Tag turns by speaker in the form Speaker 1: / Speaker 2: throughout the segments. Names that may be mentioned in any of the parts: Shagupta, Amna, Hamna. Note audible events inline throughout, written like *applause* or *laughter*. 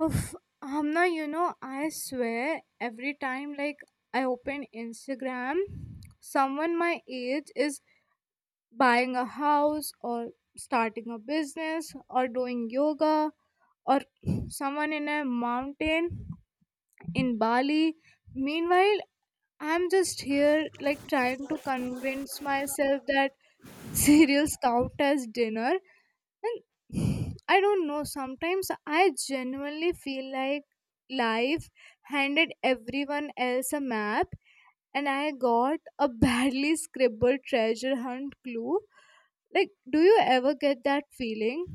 Speaker 1: Oof, Hamna, you know, I swear every time like I open Instagram, someone my age is buying a house or starting a business or doing yoga or *clears throat* someone in a mountain in Bali. Meanwhile, I'm just here like trying to convince myself that *laughs* cereals count as dinner, and *sighs* I don't know, sometimes I genuinely feel like life handed everyone else a map and I got a *laughs* badly scribbled treasure hunt clue. Like, do you ever get that feeling?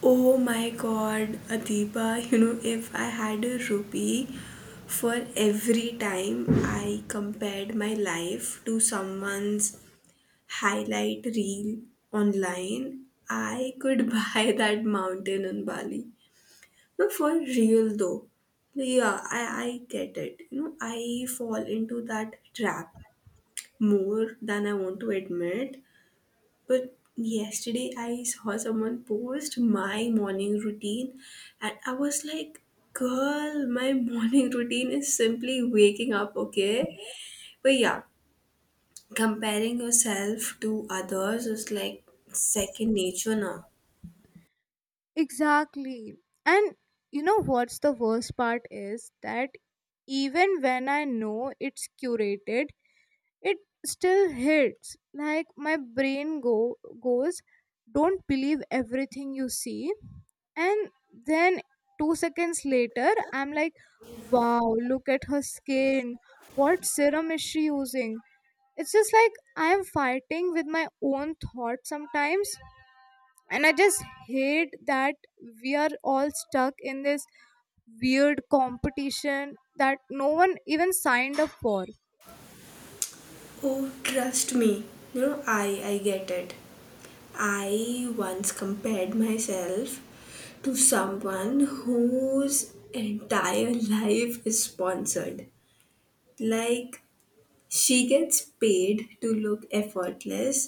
Speaker 2: Oh my god, Adiba, you know, if I had a rupee for every time I compared my life to someone's highlight reel online, I could *laughs* buy that mountain in Bali. No, for real though. Yeah, I get it. You know, I fall into that trap more than I want to admit. But yesterday I saw someone post my morning routine and I was like, girl, my *laughs* morning routine is simply waking up, okay? But yeah, comparing yourself to others is like second nature now.
Speaker 1: Exactly. And you know what's the worst part is that even when I know it's curated, it still hits. Like, my brain go goes, don't believe everything you see, and then 2 seconds later I'm like, wow, look at her skin, what serum is she using. It's just like I am fighting with my own thoughts sometimes, and I just hate that we are all stuck in this weird competition that no one even signed up for.
Speaker 2: Oh, trust me. You know, I get it. I once compared myself to someone whose entire *laughs* life is sponsored. Like, she gets paid to look effortless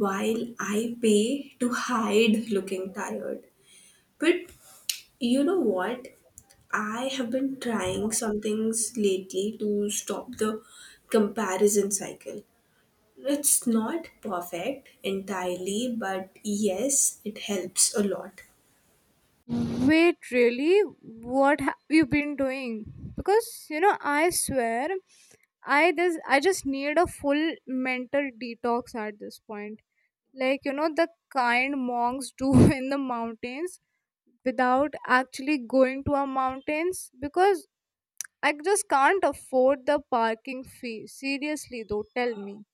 Speaker 2: while I pay to hide looking tired. But you know what? I have been trying some things lately to stop the comparison cycle. It's not perfect entirely, but yes, it helps a lot.
Speaker 1: Wait, really? What have you been doing? Because you know, I swear, I just need a full mental detox at this point. Like, you know, the kind monks do *laughs* in the mountains without actually going to our mountains because I just can't afford the parking fee. Seriously, though, tell me.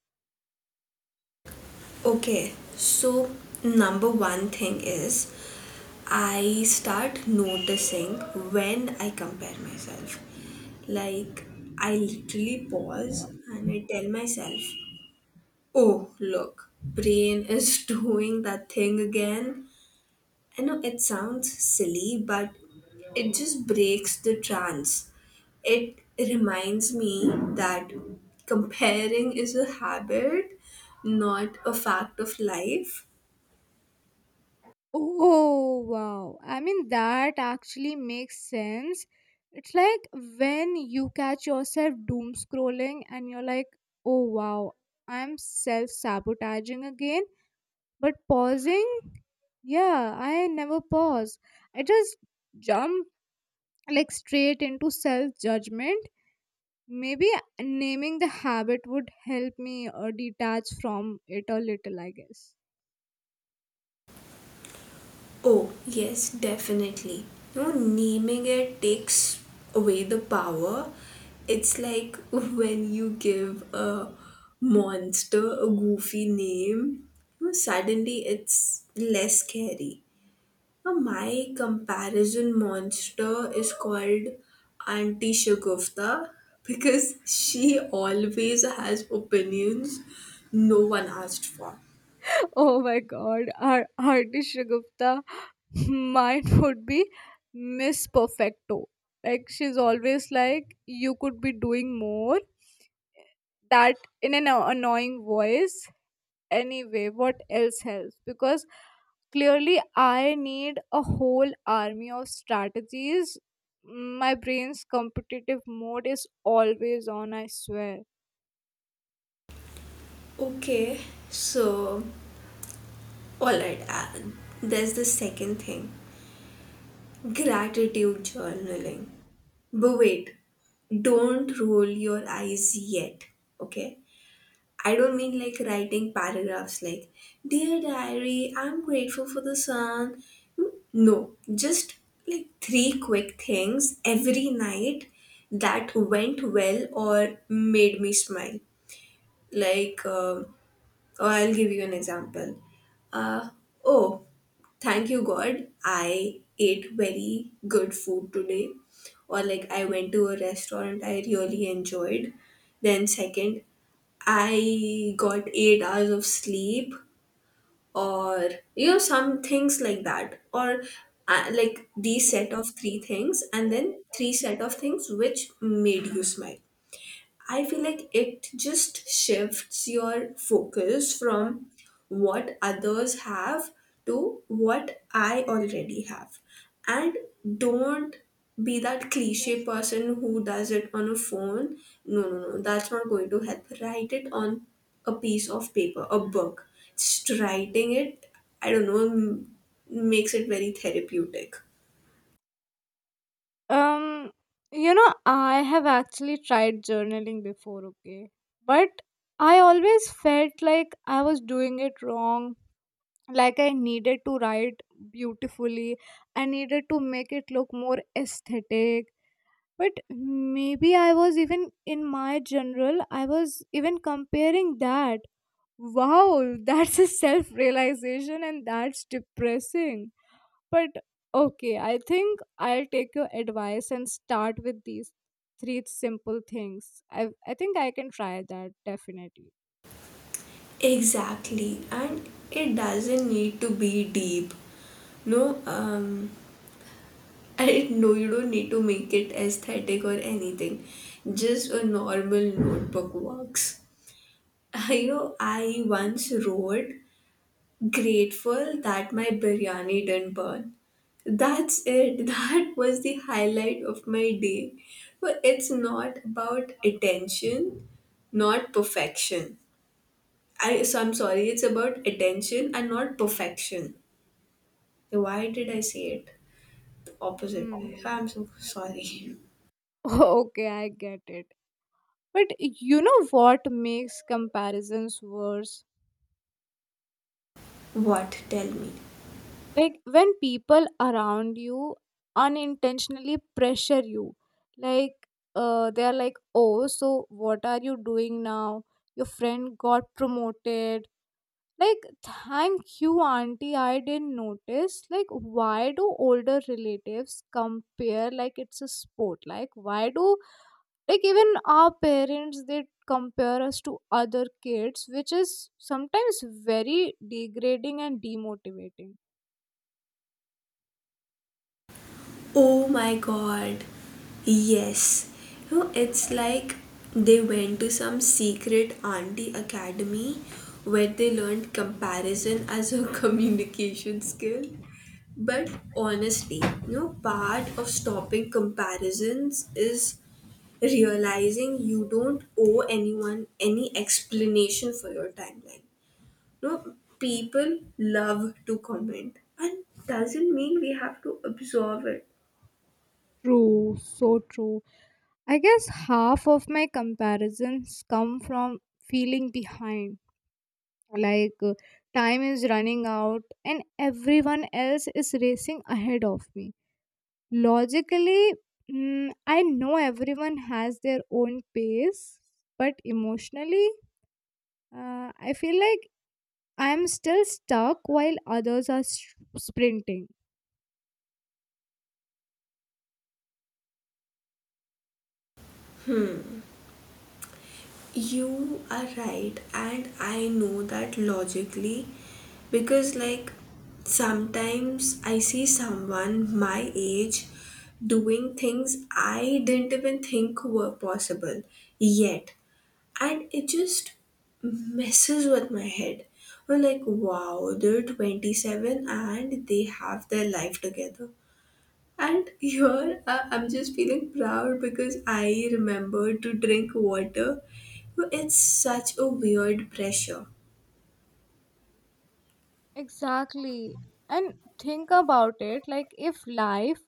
Speaker 2: Okay, so number one thing is I start noticing when I compare myself. Like, I literally pause and I tell myself, oh, look, brain is *laughs* doing that thing again. I know it sounds silly, but it just breaks the trance. It reminds me that comparing is a habit, not a fact of life.
Speaker 1: Oh wow. I mean, that actually makes sense. It's like when you catch yourself doom scrolling and you're like, "Oh wow, I'm self-sabotaging again." But pausing? Yeah, I never pause. I just jump like straight into self-judgment. Maybe naming the habit would help me detach from it a little, I guess.
Speaker 2: Oh, yes, definitely. You know, naming it takes away the power. It's like *laughs* when you give a monster a goofy name, you know, suddenly it's less scary. Now, my comparison monster is called Auntie Shagufta *laughs* because she always has opinions no one asked for.
Speaker 1: *laughs* Oh my god, our artist Shagupta, *laughs* mine would be Miss Perfecto. Like, she's always like, you could be doing more, that, in an annoying voice. Anyway, what else helps? Because clearly I need a whole army of strategies. My brain's competitive mode is always on, I swear.
Speaker 2: Okay, so Alright, Alan, there's the second thing: gratitude journaling. But wait, don't roll your eyes yet, okay? I don't mean like writing paragraphs like, dear diary, I'm grateful for the sun. No, just like three quick things every night that went well or made me smile. Like, or I'll give you an example. Uh, oh, thank you, God, I ate very good food today. Or like I went to a restaurant I really enjoyed. Then, second, I got 8 hours of sleep, or you know, some things like that. Or like these set of three things, and then three set of things which made you smile. I feel like it just shifts your focus from what others have to what I already have. And don't be that cliche person who does it on a phone. No, no, no, that's not going to help. Write it on a piece of paper, a book. Just writing it, I don't know, makes it very therapeutic.
Speaker 1: um you know, I have actually tried journaling before, okay, but I always felt like I was doing it wrong. Like, I needed to write beautifully, I needed to make it look more aesthetic. But maybe I was even comparing that. Wow, *laughs* that's a self realization, and that's depressing. But okay, I think I'll take your advice and start with these three simple things. I think I can try that, definitely.
Speaker 2: Exactly, and it doesn't need to be deep. No, I know you don't need to make it aesthetic or anything. Just a normal notebook works. *laughs* I know, I once wrote, grateful that my biryani didn't burn. That's it. *laughs* That was the highlight of my day. But it's not about attention, not perfection. I, so I'm sorry, it's about attention and not perfection. Why did I say it the opposite way?
Speaker 1: Mm.
Speaker 2: I'm so sorry.
Speaker 1: *laughs* Okay, I get it. But you know what makes comparisons worse?
Speaker 2: *laughs* What? Tell me.
Speaker 1: Like when people around you unintentionally pressure you. Like, they're like, oh, so what are you doing now? Your friend got promoted. Like, thank you, Auntie, I didn't notice. Like, why do older relatives compare like it's a sport? Like, why do, like, even our parents, they compare us to other kids, which is sometimes very degrading and demotivating.
Speaker 2: Oh my god. Yes. You know, it's like they went to some secret auntie academy where they learned comparison as a *laughs* communication skill. But honestly, you know, part of stopping comparisons is realizing you don't owe anyone any explanation for your timeline. You know, people love to comment, and doesn't mean we have to absorb it.
Speaker 1: True, so true. I guess half of my comparisons come from feeling behind. Like, time is running out and everyone else is racing ahead of me. Logically, I know everyone has their own pace, but emotionally, I feel like I am still stuck while others are sprinting.
Speaker 2: You are right, and I know that logically because, like, sometimes I see someone my age doing things I didn't even think were possible yet, and it just messes with my head. Or, like, wow, they're 27 and they have their life together. And here I'm just feeling proud because I remember to drink water. It's such a weird pressure.
Speaker 1: Exactly. And think about it, like, if life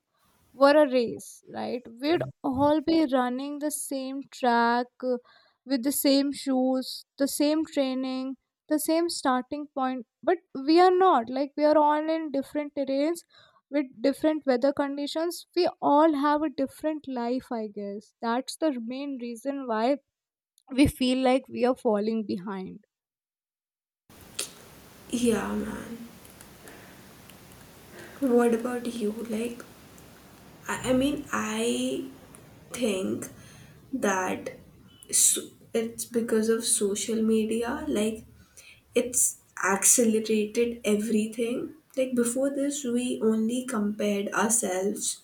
Speaker 1: were a race, right? We'd all be running the same track, with the same shoes, the same training, the same starting point. But we are not. Like, we are all in different terrains with different weather conditions. We all have a different life, I guess. That's the main reason why we feel like we are falling behind.
Speaker 2: Yeah, man. What about you? Like, I mean, I think that, so, it's because of social media. Like, it's accelerated everything. Like before this, we only compared ourselves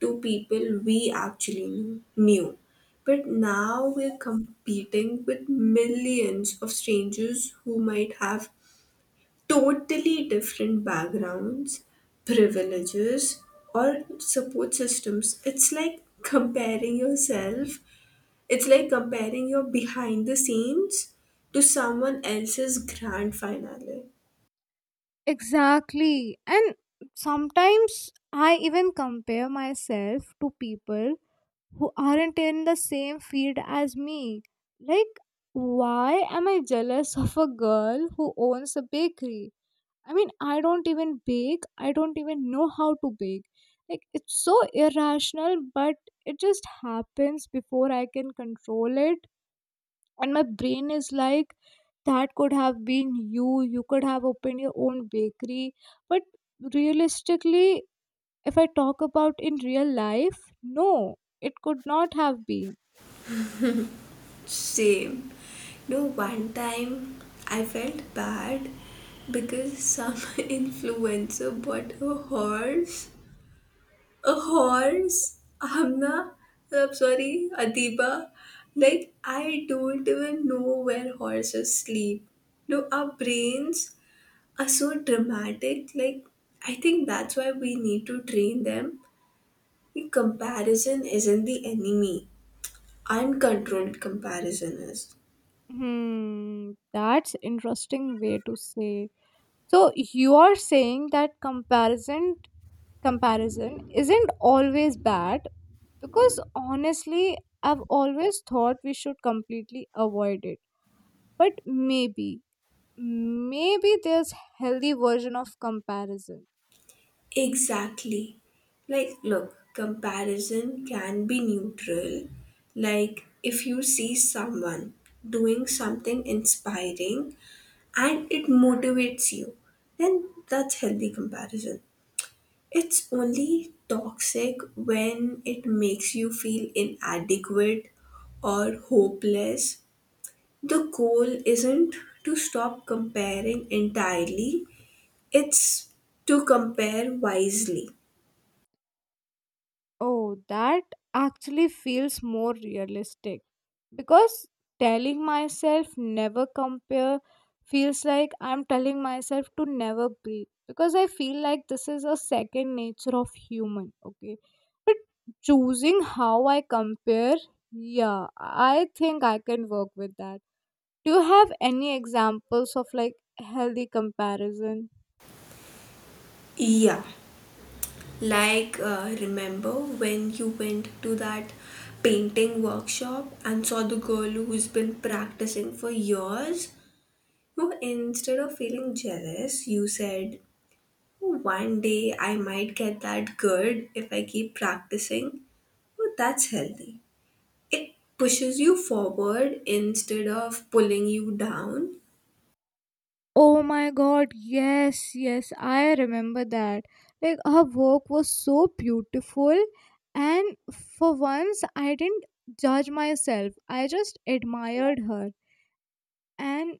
Speaker 2: to people we actually knew. But now we're competing with millions of strangers who might have totally different backgrounds, privileges, or support systems. It's like it's like comparing your behind the scenes to someone else's grand finale.
Speaker 1: Exactly. And sometimes I even compare myself to people who aren't in the same field as me. Like, why am I jealous of a girl who owns a bakery? I mean, I don't even bake, I don't even know how to bake. Like, it's so irrational, but it just happens before I can control it, and my brain is like, that could have been you could have opened your own bakery. But realistically, if I talk about in real life, no, it could not have been.
Speaker 2: Same. No, one time I felt bad because some *laughs* influencer bought a horse. A horse? Amna? I'm sorry, Adiba. Like, I don't even know where horses sleep. No, our brains are so dramatic. Like, I think that's why we need to train them. The comparison isn't the enemy, uncontrolled comparison is.
Speaker 1: Hmm, that's interesting way to say. So you are saying that comparison isn't always bad, because honestly I've always thought we should completely avoid it. But maybe Maybe there's healthy version of comparison.
Speaker 2: Exactly. Like, look, comparison can be neutral. Like, if you see someone doing something inspiring and it motivates you, then that's healthy comparison. It's only toxic when it makes you feel inadequate or hopeless. The goal isn't to stop comparing entirely, it's to compare wisely.
Speaker 1: Oh, that actually feels more realistic, because telling myself never compare feels like I'm telling myself to never breathe, because I feel like this is a second nature of human, okay? But choosing how I compare, yeah, I think I can work with that. Do you have any examples of like healthy comparison?
Speaker 2: Yeah, like, remember when you went to that painting workshop and saw the girl who's been practicing for years? No, instead of feeling jealous, you said, "Oh, one day I might get that good if I keep practicing." Well, that's healthy. It pushes you forward instead of pulling you down.
Speaker 1: Oh my god, yes, yes, I remember that. Like, her work was so beautiful, and for once, I didn't judge myself, I just admired her, and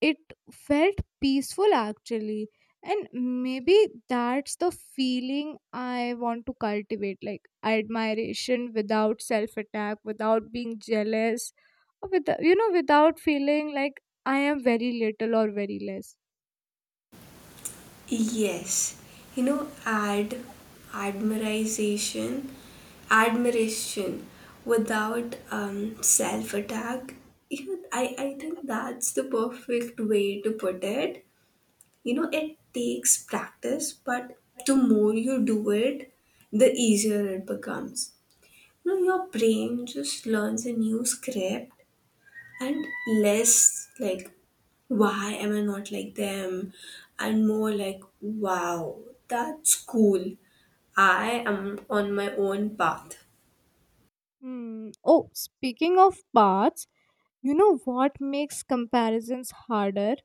Speaker 1: it felt peaceful actually. And maybe that's the feeling I want to cultivate, like admiration without self attack, without being jealous, or with, you know, without feeling like I am very little or very less.
Speaker 2: Yes, you know, admiration, admiration without self attack. You know, I think that's the perfect way to put it. You know, it takes practice, but the more you do it, the easier it becomes. You know, your brain just learns a new script, and less like, why am I not like them, and more like, wow, that's cool, I am on my own path.
Speaker 1: Hmm. Oh, speaking of baths, you know what makes comparisons harder?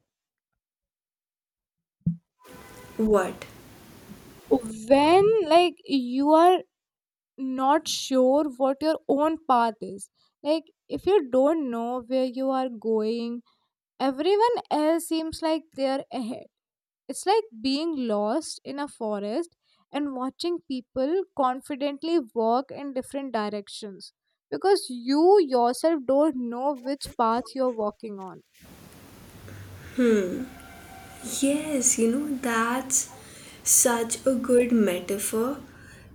Speaker 2: What?
Speaker 1: When like you are not sure what your own path is. Like, if you don't know where you are going, everyone else seems like they're ahead. It's like being lost in a forest and watching people confidently walk in different directions because you yourself don't know which path you're walking on.
Speaker 2: Yes, you know, that's such a good metaphor.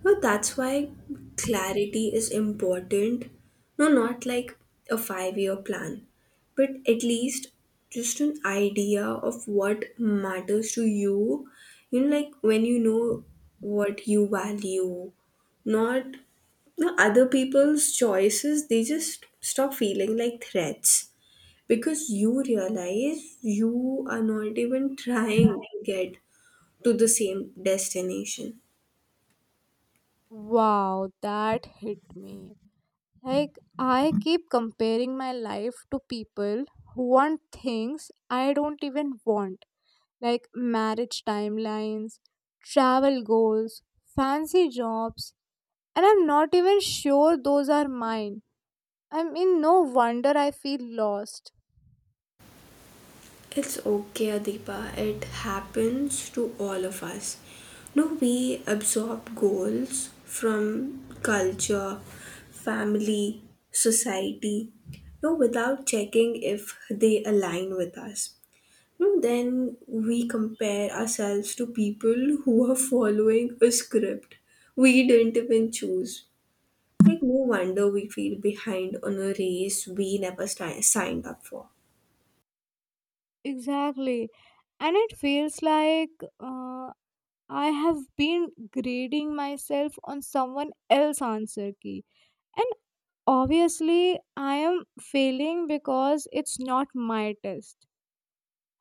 Speaker 2: No, that's why clarity is important. No, not like a 5 year plan, but at least just an idea of what matters to you. You know, like when you know what you value, not you know, other people's choices, they just stop feeling like threats because you realize you are not even trying to get to the same destination.
Speaker 1: Wow, that hit me. Like, I keep comparing my life to people who want things I don't even want, like marriage timelines, travel goals, fancy jobs, and I'm not even sure those are mine. I mean, no wonder I feel lost.
Speaker 2: It's okay, Adipa. It happens to all of us. No, we absorb goals from culture, family, society. No, without checking if they align with us. No, then we compare ourselves to people who are following a script we didn't even choose. Like, no wonder we feel behind on a race we never signed up for.
Speaker 1: Exactly. And it feels like uh, I have been grading myself on someone else's answer key. And. Obviously, I am failing because it's not my test. *laughs*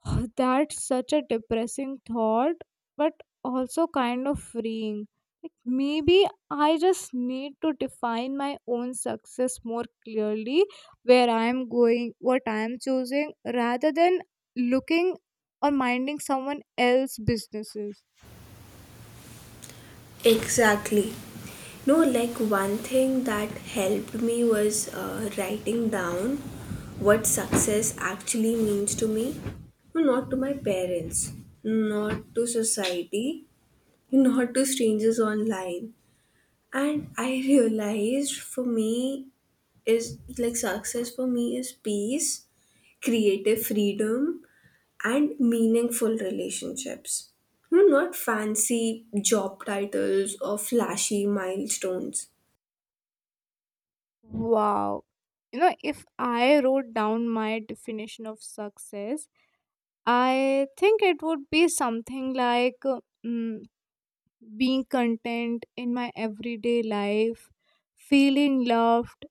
Speaker 1: *sighs* That's such a depressing thought, but also kind of freeing. Like, maybe I just need to define my own success more clearly, where I am going, what I am choosing, rather than looking or minding someone else's businesses.
Speaker 2: Exactly. No, like one thing that helped me was writing down what success actually means to me. No, not to my parents, not to society, not to strangers online. And I realized for me is like success for me is peace, creative freedom, and meaningful relationships. You know, not fancy job titles or flashy milestones.
Speaker 1: Wow. You know, if I wrote down my definition of success, I think it would be something like mm, being content in my everyday life, feeling loved,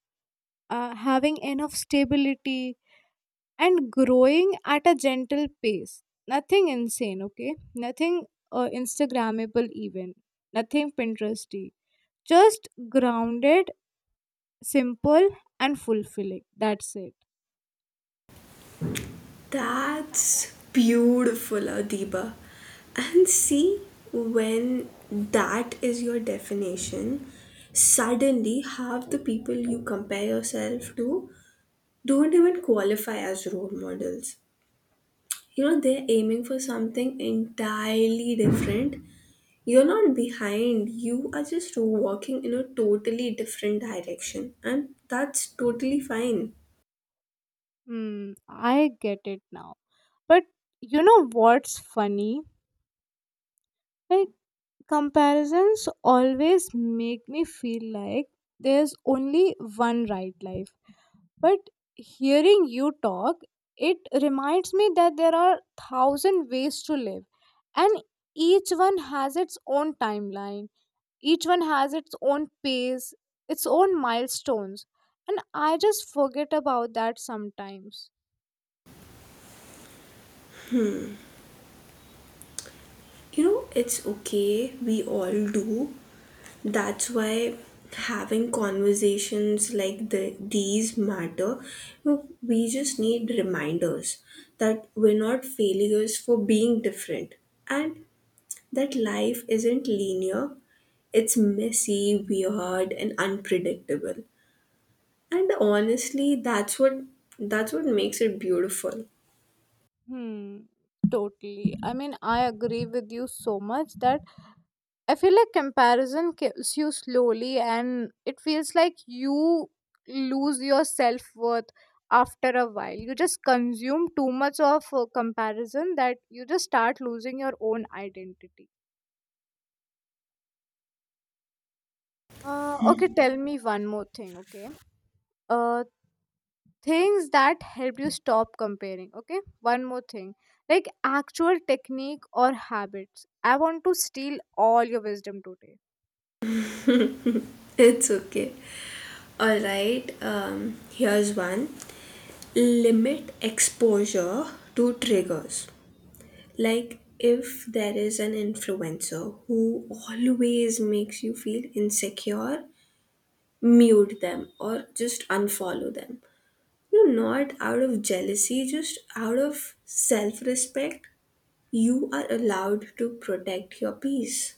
Speaker 1: having enough stability, and growing at a gentle pace. Nothing insane, okay? Nothing Instagrammable, even. Nothing Pinteresty. Just grounded, simple, and fulfilling. That's it.
Speaker 2: That's beautiful, Adiba. And see, when that is your definition, suddenly half the people you compare yourself to don't even qualify as role models. You know, they're aiming for something entirely different. You're not behind, you are just walking in a totally different direction, and that's totally fine.
Speaker 1: Hmm, I get it now. But you know what's funny? Like, comparisons always make me feel like there's only one right life. But hearing you talk, it reminds me that there are thousand ways to live, and each one has its own timeline. Each one has its own pace, its own milestones. And I just forget about that sometimes.
Speaker 2: You know, it's okay, we all do. That's why having conversations like these matter. You know, we just need reminders that we're not failures for being different, and that life isn't linear, it's messy, weird, and unpredictable. And honestly, that's what makes it beautiful.
Speaker 1: Hmm. Totally. I mean, I agree with you so much that I feel like comparison kills you slowly, and it feels like you lose your self worth after a while. You just consume too much of comparison that you just start losing your own identity. Okay, tell me one more thing, okay? Uh, things that help you stop comparing, okay? One more thing, like actual technique or habits. I want to steal all your wisdom today.
Speaker 2: *laughs* It's okay. All right. Um, here's one. Limit exposure to triggers. Like if there is an influencer who always makes you feel insecure, mute them or just unfollow them. You're not out of jealousy, just out of self respect. You are allowed to protect your peace.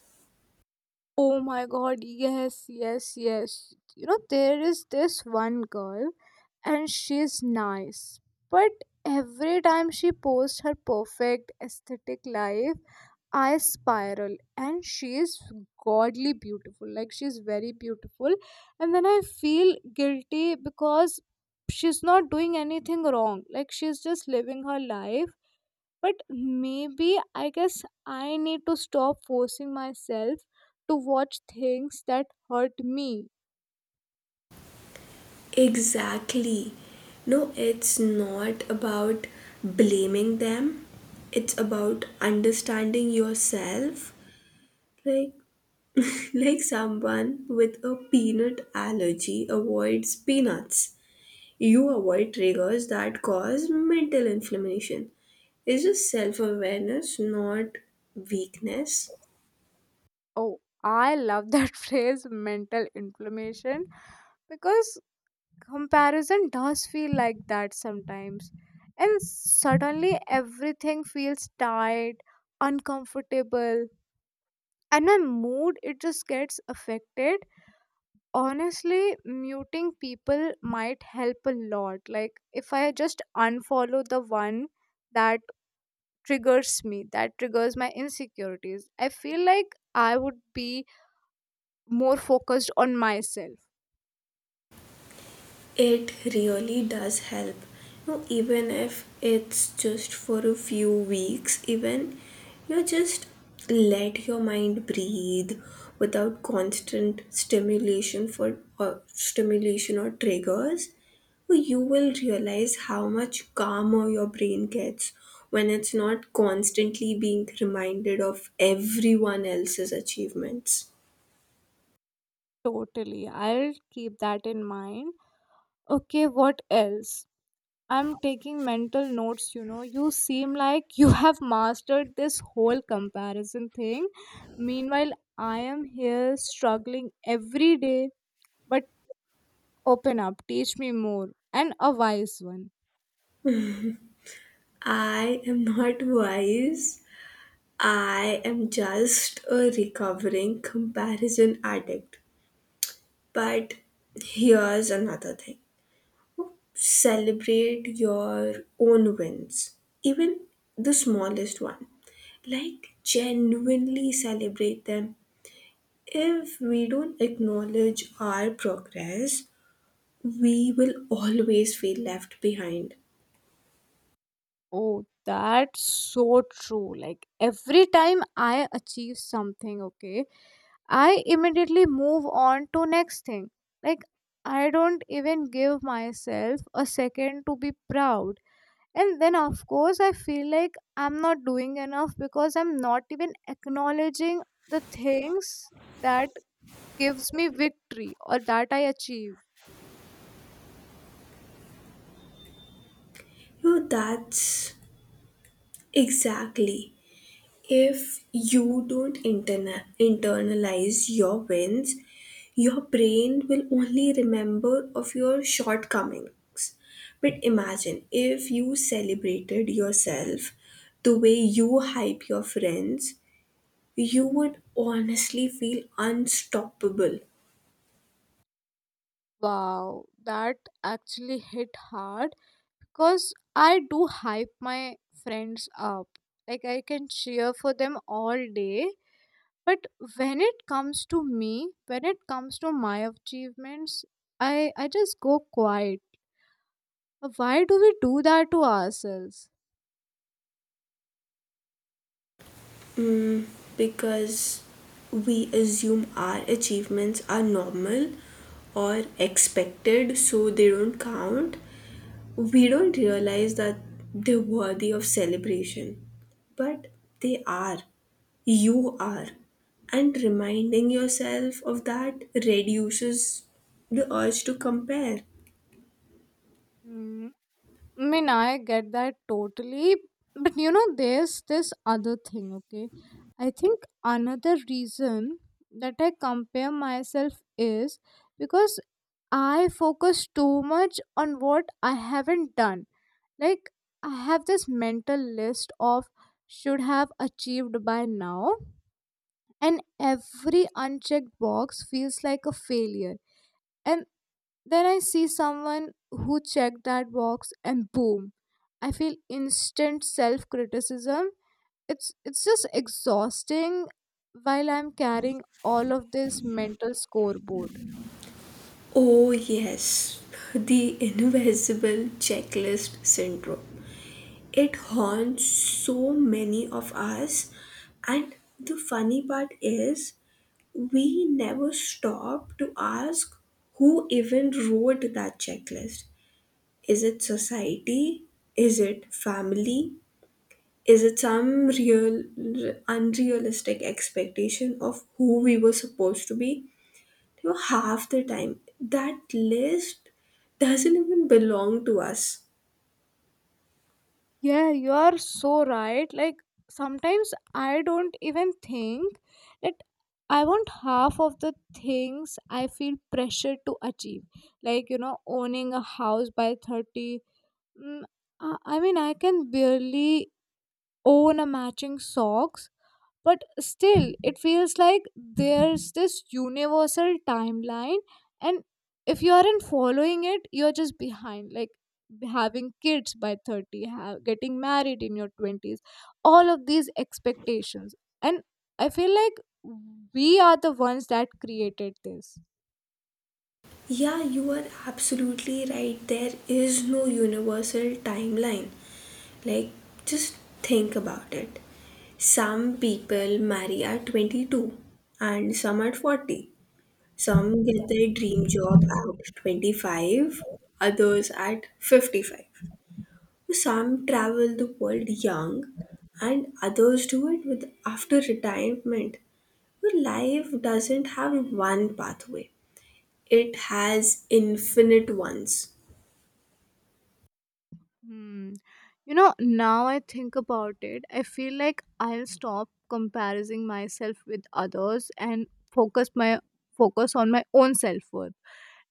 Speaker 1: Oh my god, yes, yes, yes. You know, there is this one girl and she's nice. But every time she posts her perfect aesthetic life, I spiral, and she is godly beautiful. Like, she's very beautiful. And then I feel guilty because she's not doing anything wrong. Like, she's just living her life. But maybe, I guess, I need to stop forcing myself to watch things that hurt me.
Speaker 2: Exactly. No, it's not about blaming them. It's about understanding yourself. Like, *laughs* like someone with a peanut allergy avoids peanuts. You avoid triggers that cause mental inflammation. It's just self-awareness, not weakness.
Speaker 1: Oh, I love that *laughs* phrase, mental inflammation, because comparison does feel like that sometimes. And suddenly everything feels tight, uncomfortable, and my mood, it just gets affected. Honestly, muting people might help a lot. Like, if I just unfollow the one that triggers me, that triggers my insecurities, I feel like I would be more focused on myself.
Speaker 2: It really does help. You know, even if it's just for a few weeks, even you just let your mind breathe without constant stimulation or triggers, you will realize how much calmer your brain gets when it's not constantly being reminded of everyone else's achievements.
Speaker 1: Totally. I'll keep that in mind. Okay, what else? I'm taking mental notes. You know, you seem like you *laughs* have mastered this whole comparison thing. Meanwhile, I am here struggling every day. But open up, teach me more, and a wise one.
Speaker 2: I am not *laughs* wise, I am just a recovering comparison addict. But here's another thing: celebrate your own wins, even the smallest one. Like, genuinely celebrate them. If we don't acknowledge our progress, we will always feel left behind.
Speaker 1: Oh, that's so true. Like, every time I achieve something, okay, I immediately move on to next thing. Like, I don't even give myself a second to be proud. And then of course I feel like I'm not doing enough because I'm not even acknowledging the things that gives me victory or that I achieve.
Speaker 2: You know, that's exactly, if you don't internalize your wins, your brain will only remember of your shortcomings. But imagine if you celebrated yourself the way you hype your friends, you would honestly feel unstoppable,
Speaker 1: Wow, that actually hit hard because I do hype my friends up. Like, I can cheer for them all day, but when it comes to me, when it comes to my achievements, I just go quiet. Why do we do that to ourselves?
Speaker 2: because we assume our achievements are normal or expected so they don't count. We don't realize that they're worthy of celebration, but they are. You are. And reminding yourself of that reduces the urge to compare.
Speaker 1: Hmm. I mean, I get that totally. But you know, there's this other thing, okay? I think another reason that I compare myself is because I focus too much on what I haven't done. Like, I have this mental list of should have achieved by now, and every unchecked box feels like a failure. And then I see someone who checked that box and boom, I feel instant self-criticism. It's just exhausting while I'm carrying all of this mental scoreboard.
Speaker 2: Oh, yes, the invisible checklist syndrome. It haunts so many of us, and the funny part is, we never stop to ask who even wrote that checklist. Is it society? Is it family? Is it some real, unrealistic expectation of who we were supposed to be? You know, half the time, that list doesn't even belong to us.
Speaker 1: Yeah, you are so right. Like, sometimes I don't even think that I want half of the things I feel pressure to achieve. Like, you know, owning a house by 30. Mm, I mean, I can barely own a matching socks. But still it feels like there's this universal timeline, and if you aren't following it, you're just behind. Like, having kids by 30, ha getting married in your 20s, all of these expectations. And I feel like we are the ones that created this.
Speaker 2: Yeah, you are absolutely right. There is no universal timeline. Like, just think about it. Some people marry at 22 and some at 40. Some get their dream job at 25, others at 55. Some travel the world young, and others do it with after retirement. But life doesn't have one pathway, it has infinite ones.
Speaker 1: Hmm. You know, now I think about it, I feel like I'll stop comparing myself with others and focus my focus on my own self worth.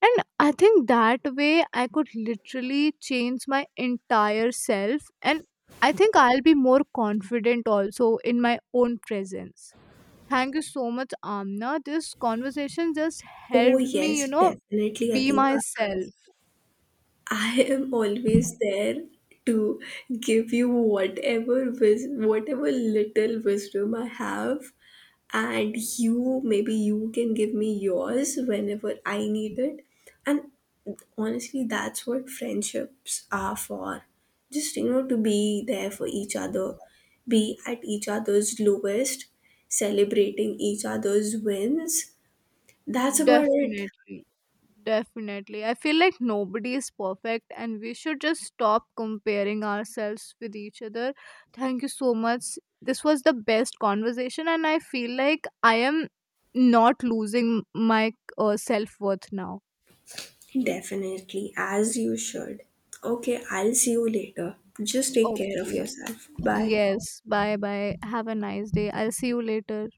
Speaker 1: And I think that way I could literally change my entire self, and I think I'll be more confident also in my own presence. Thank you so much, Amna. This conversation just
Speaker 2: Oh,
Speaker 1: helped me, you
Speaker 2: yes,
Speaker 1: know,
Speaker 2: definitely,
Speaker 1: be
Speaker 2: Adiba.
Speaker 1: myself.
Speaker 2: I am always there to give you whatever little wisdom I have, and you, maybe you can give me yours whenever I need it. And honestly, that's what friendships are for, just you know, to be there for each other, be at each other's lowest, celebrating each other's wins. That's about it.
Speaker 1: Definitely. Definitely. I feel like nobody is perfect and we should just stop comparing ourselves with each other. Thank you so much. This was the best conversation, and I feel like I am not losing my self worth now.
Speaker 2: Definitely, as you should. Okay, I'll see you later. Just take care of
Speaker 1: Okay.
Speaker 2: yourself. Bye.
Speaker 1: Yes. Bye bye. Have a nice day. I'll see you later.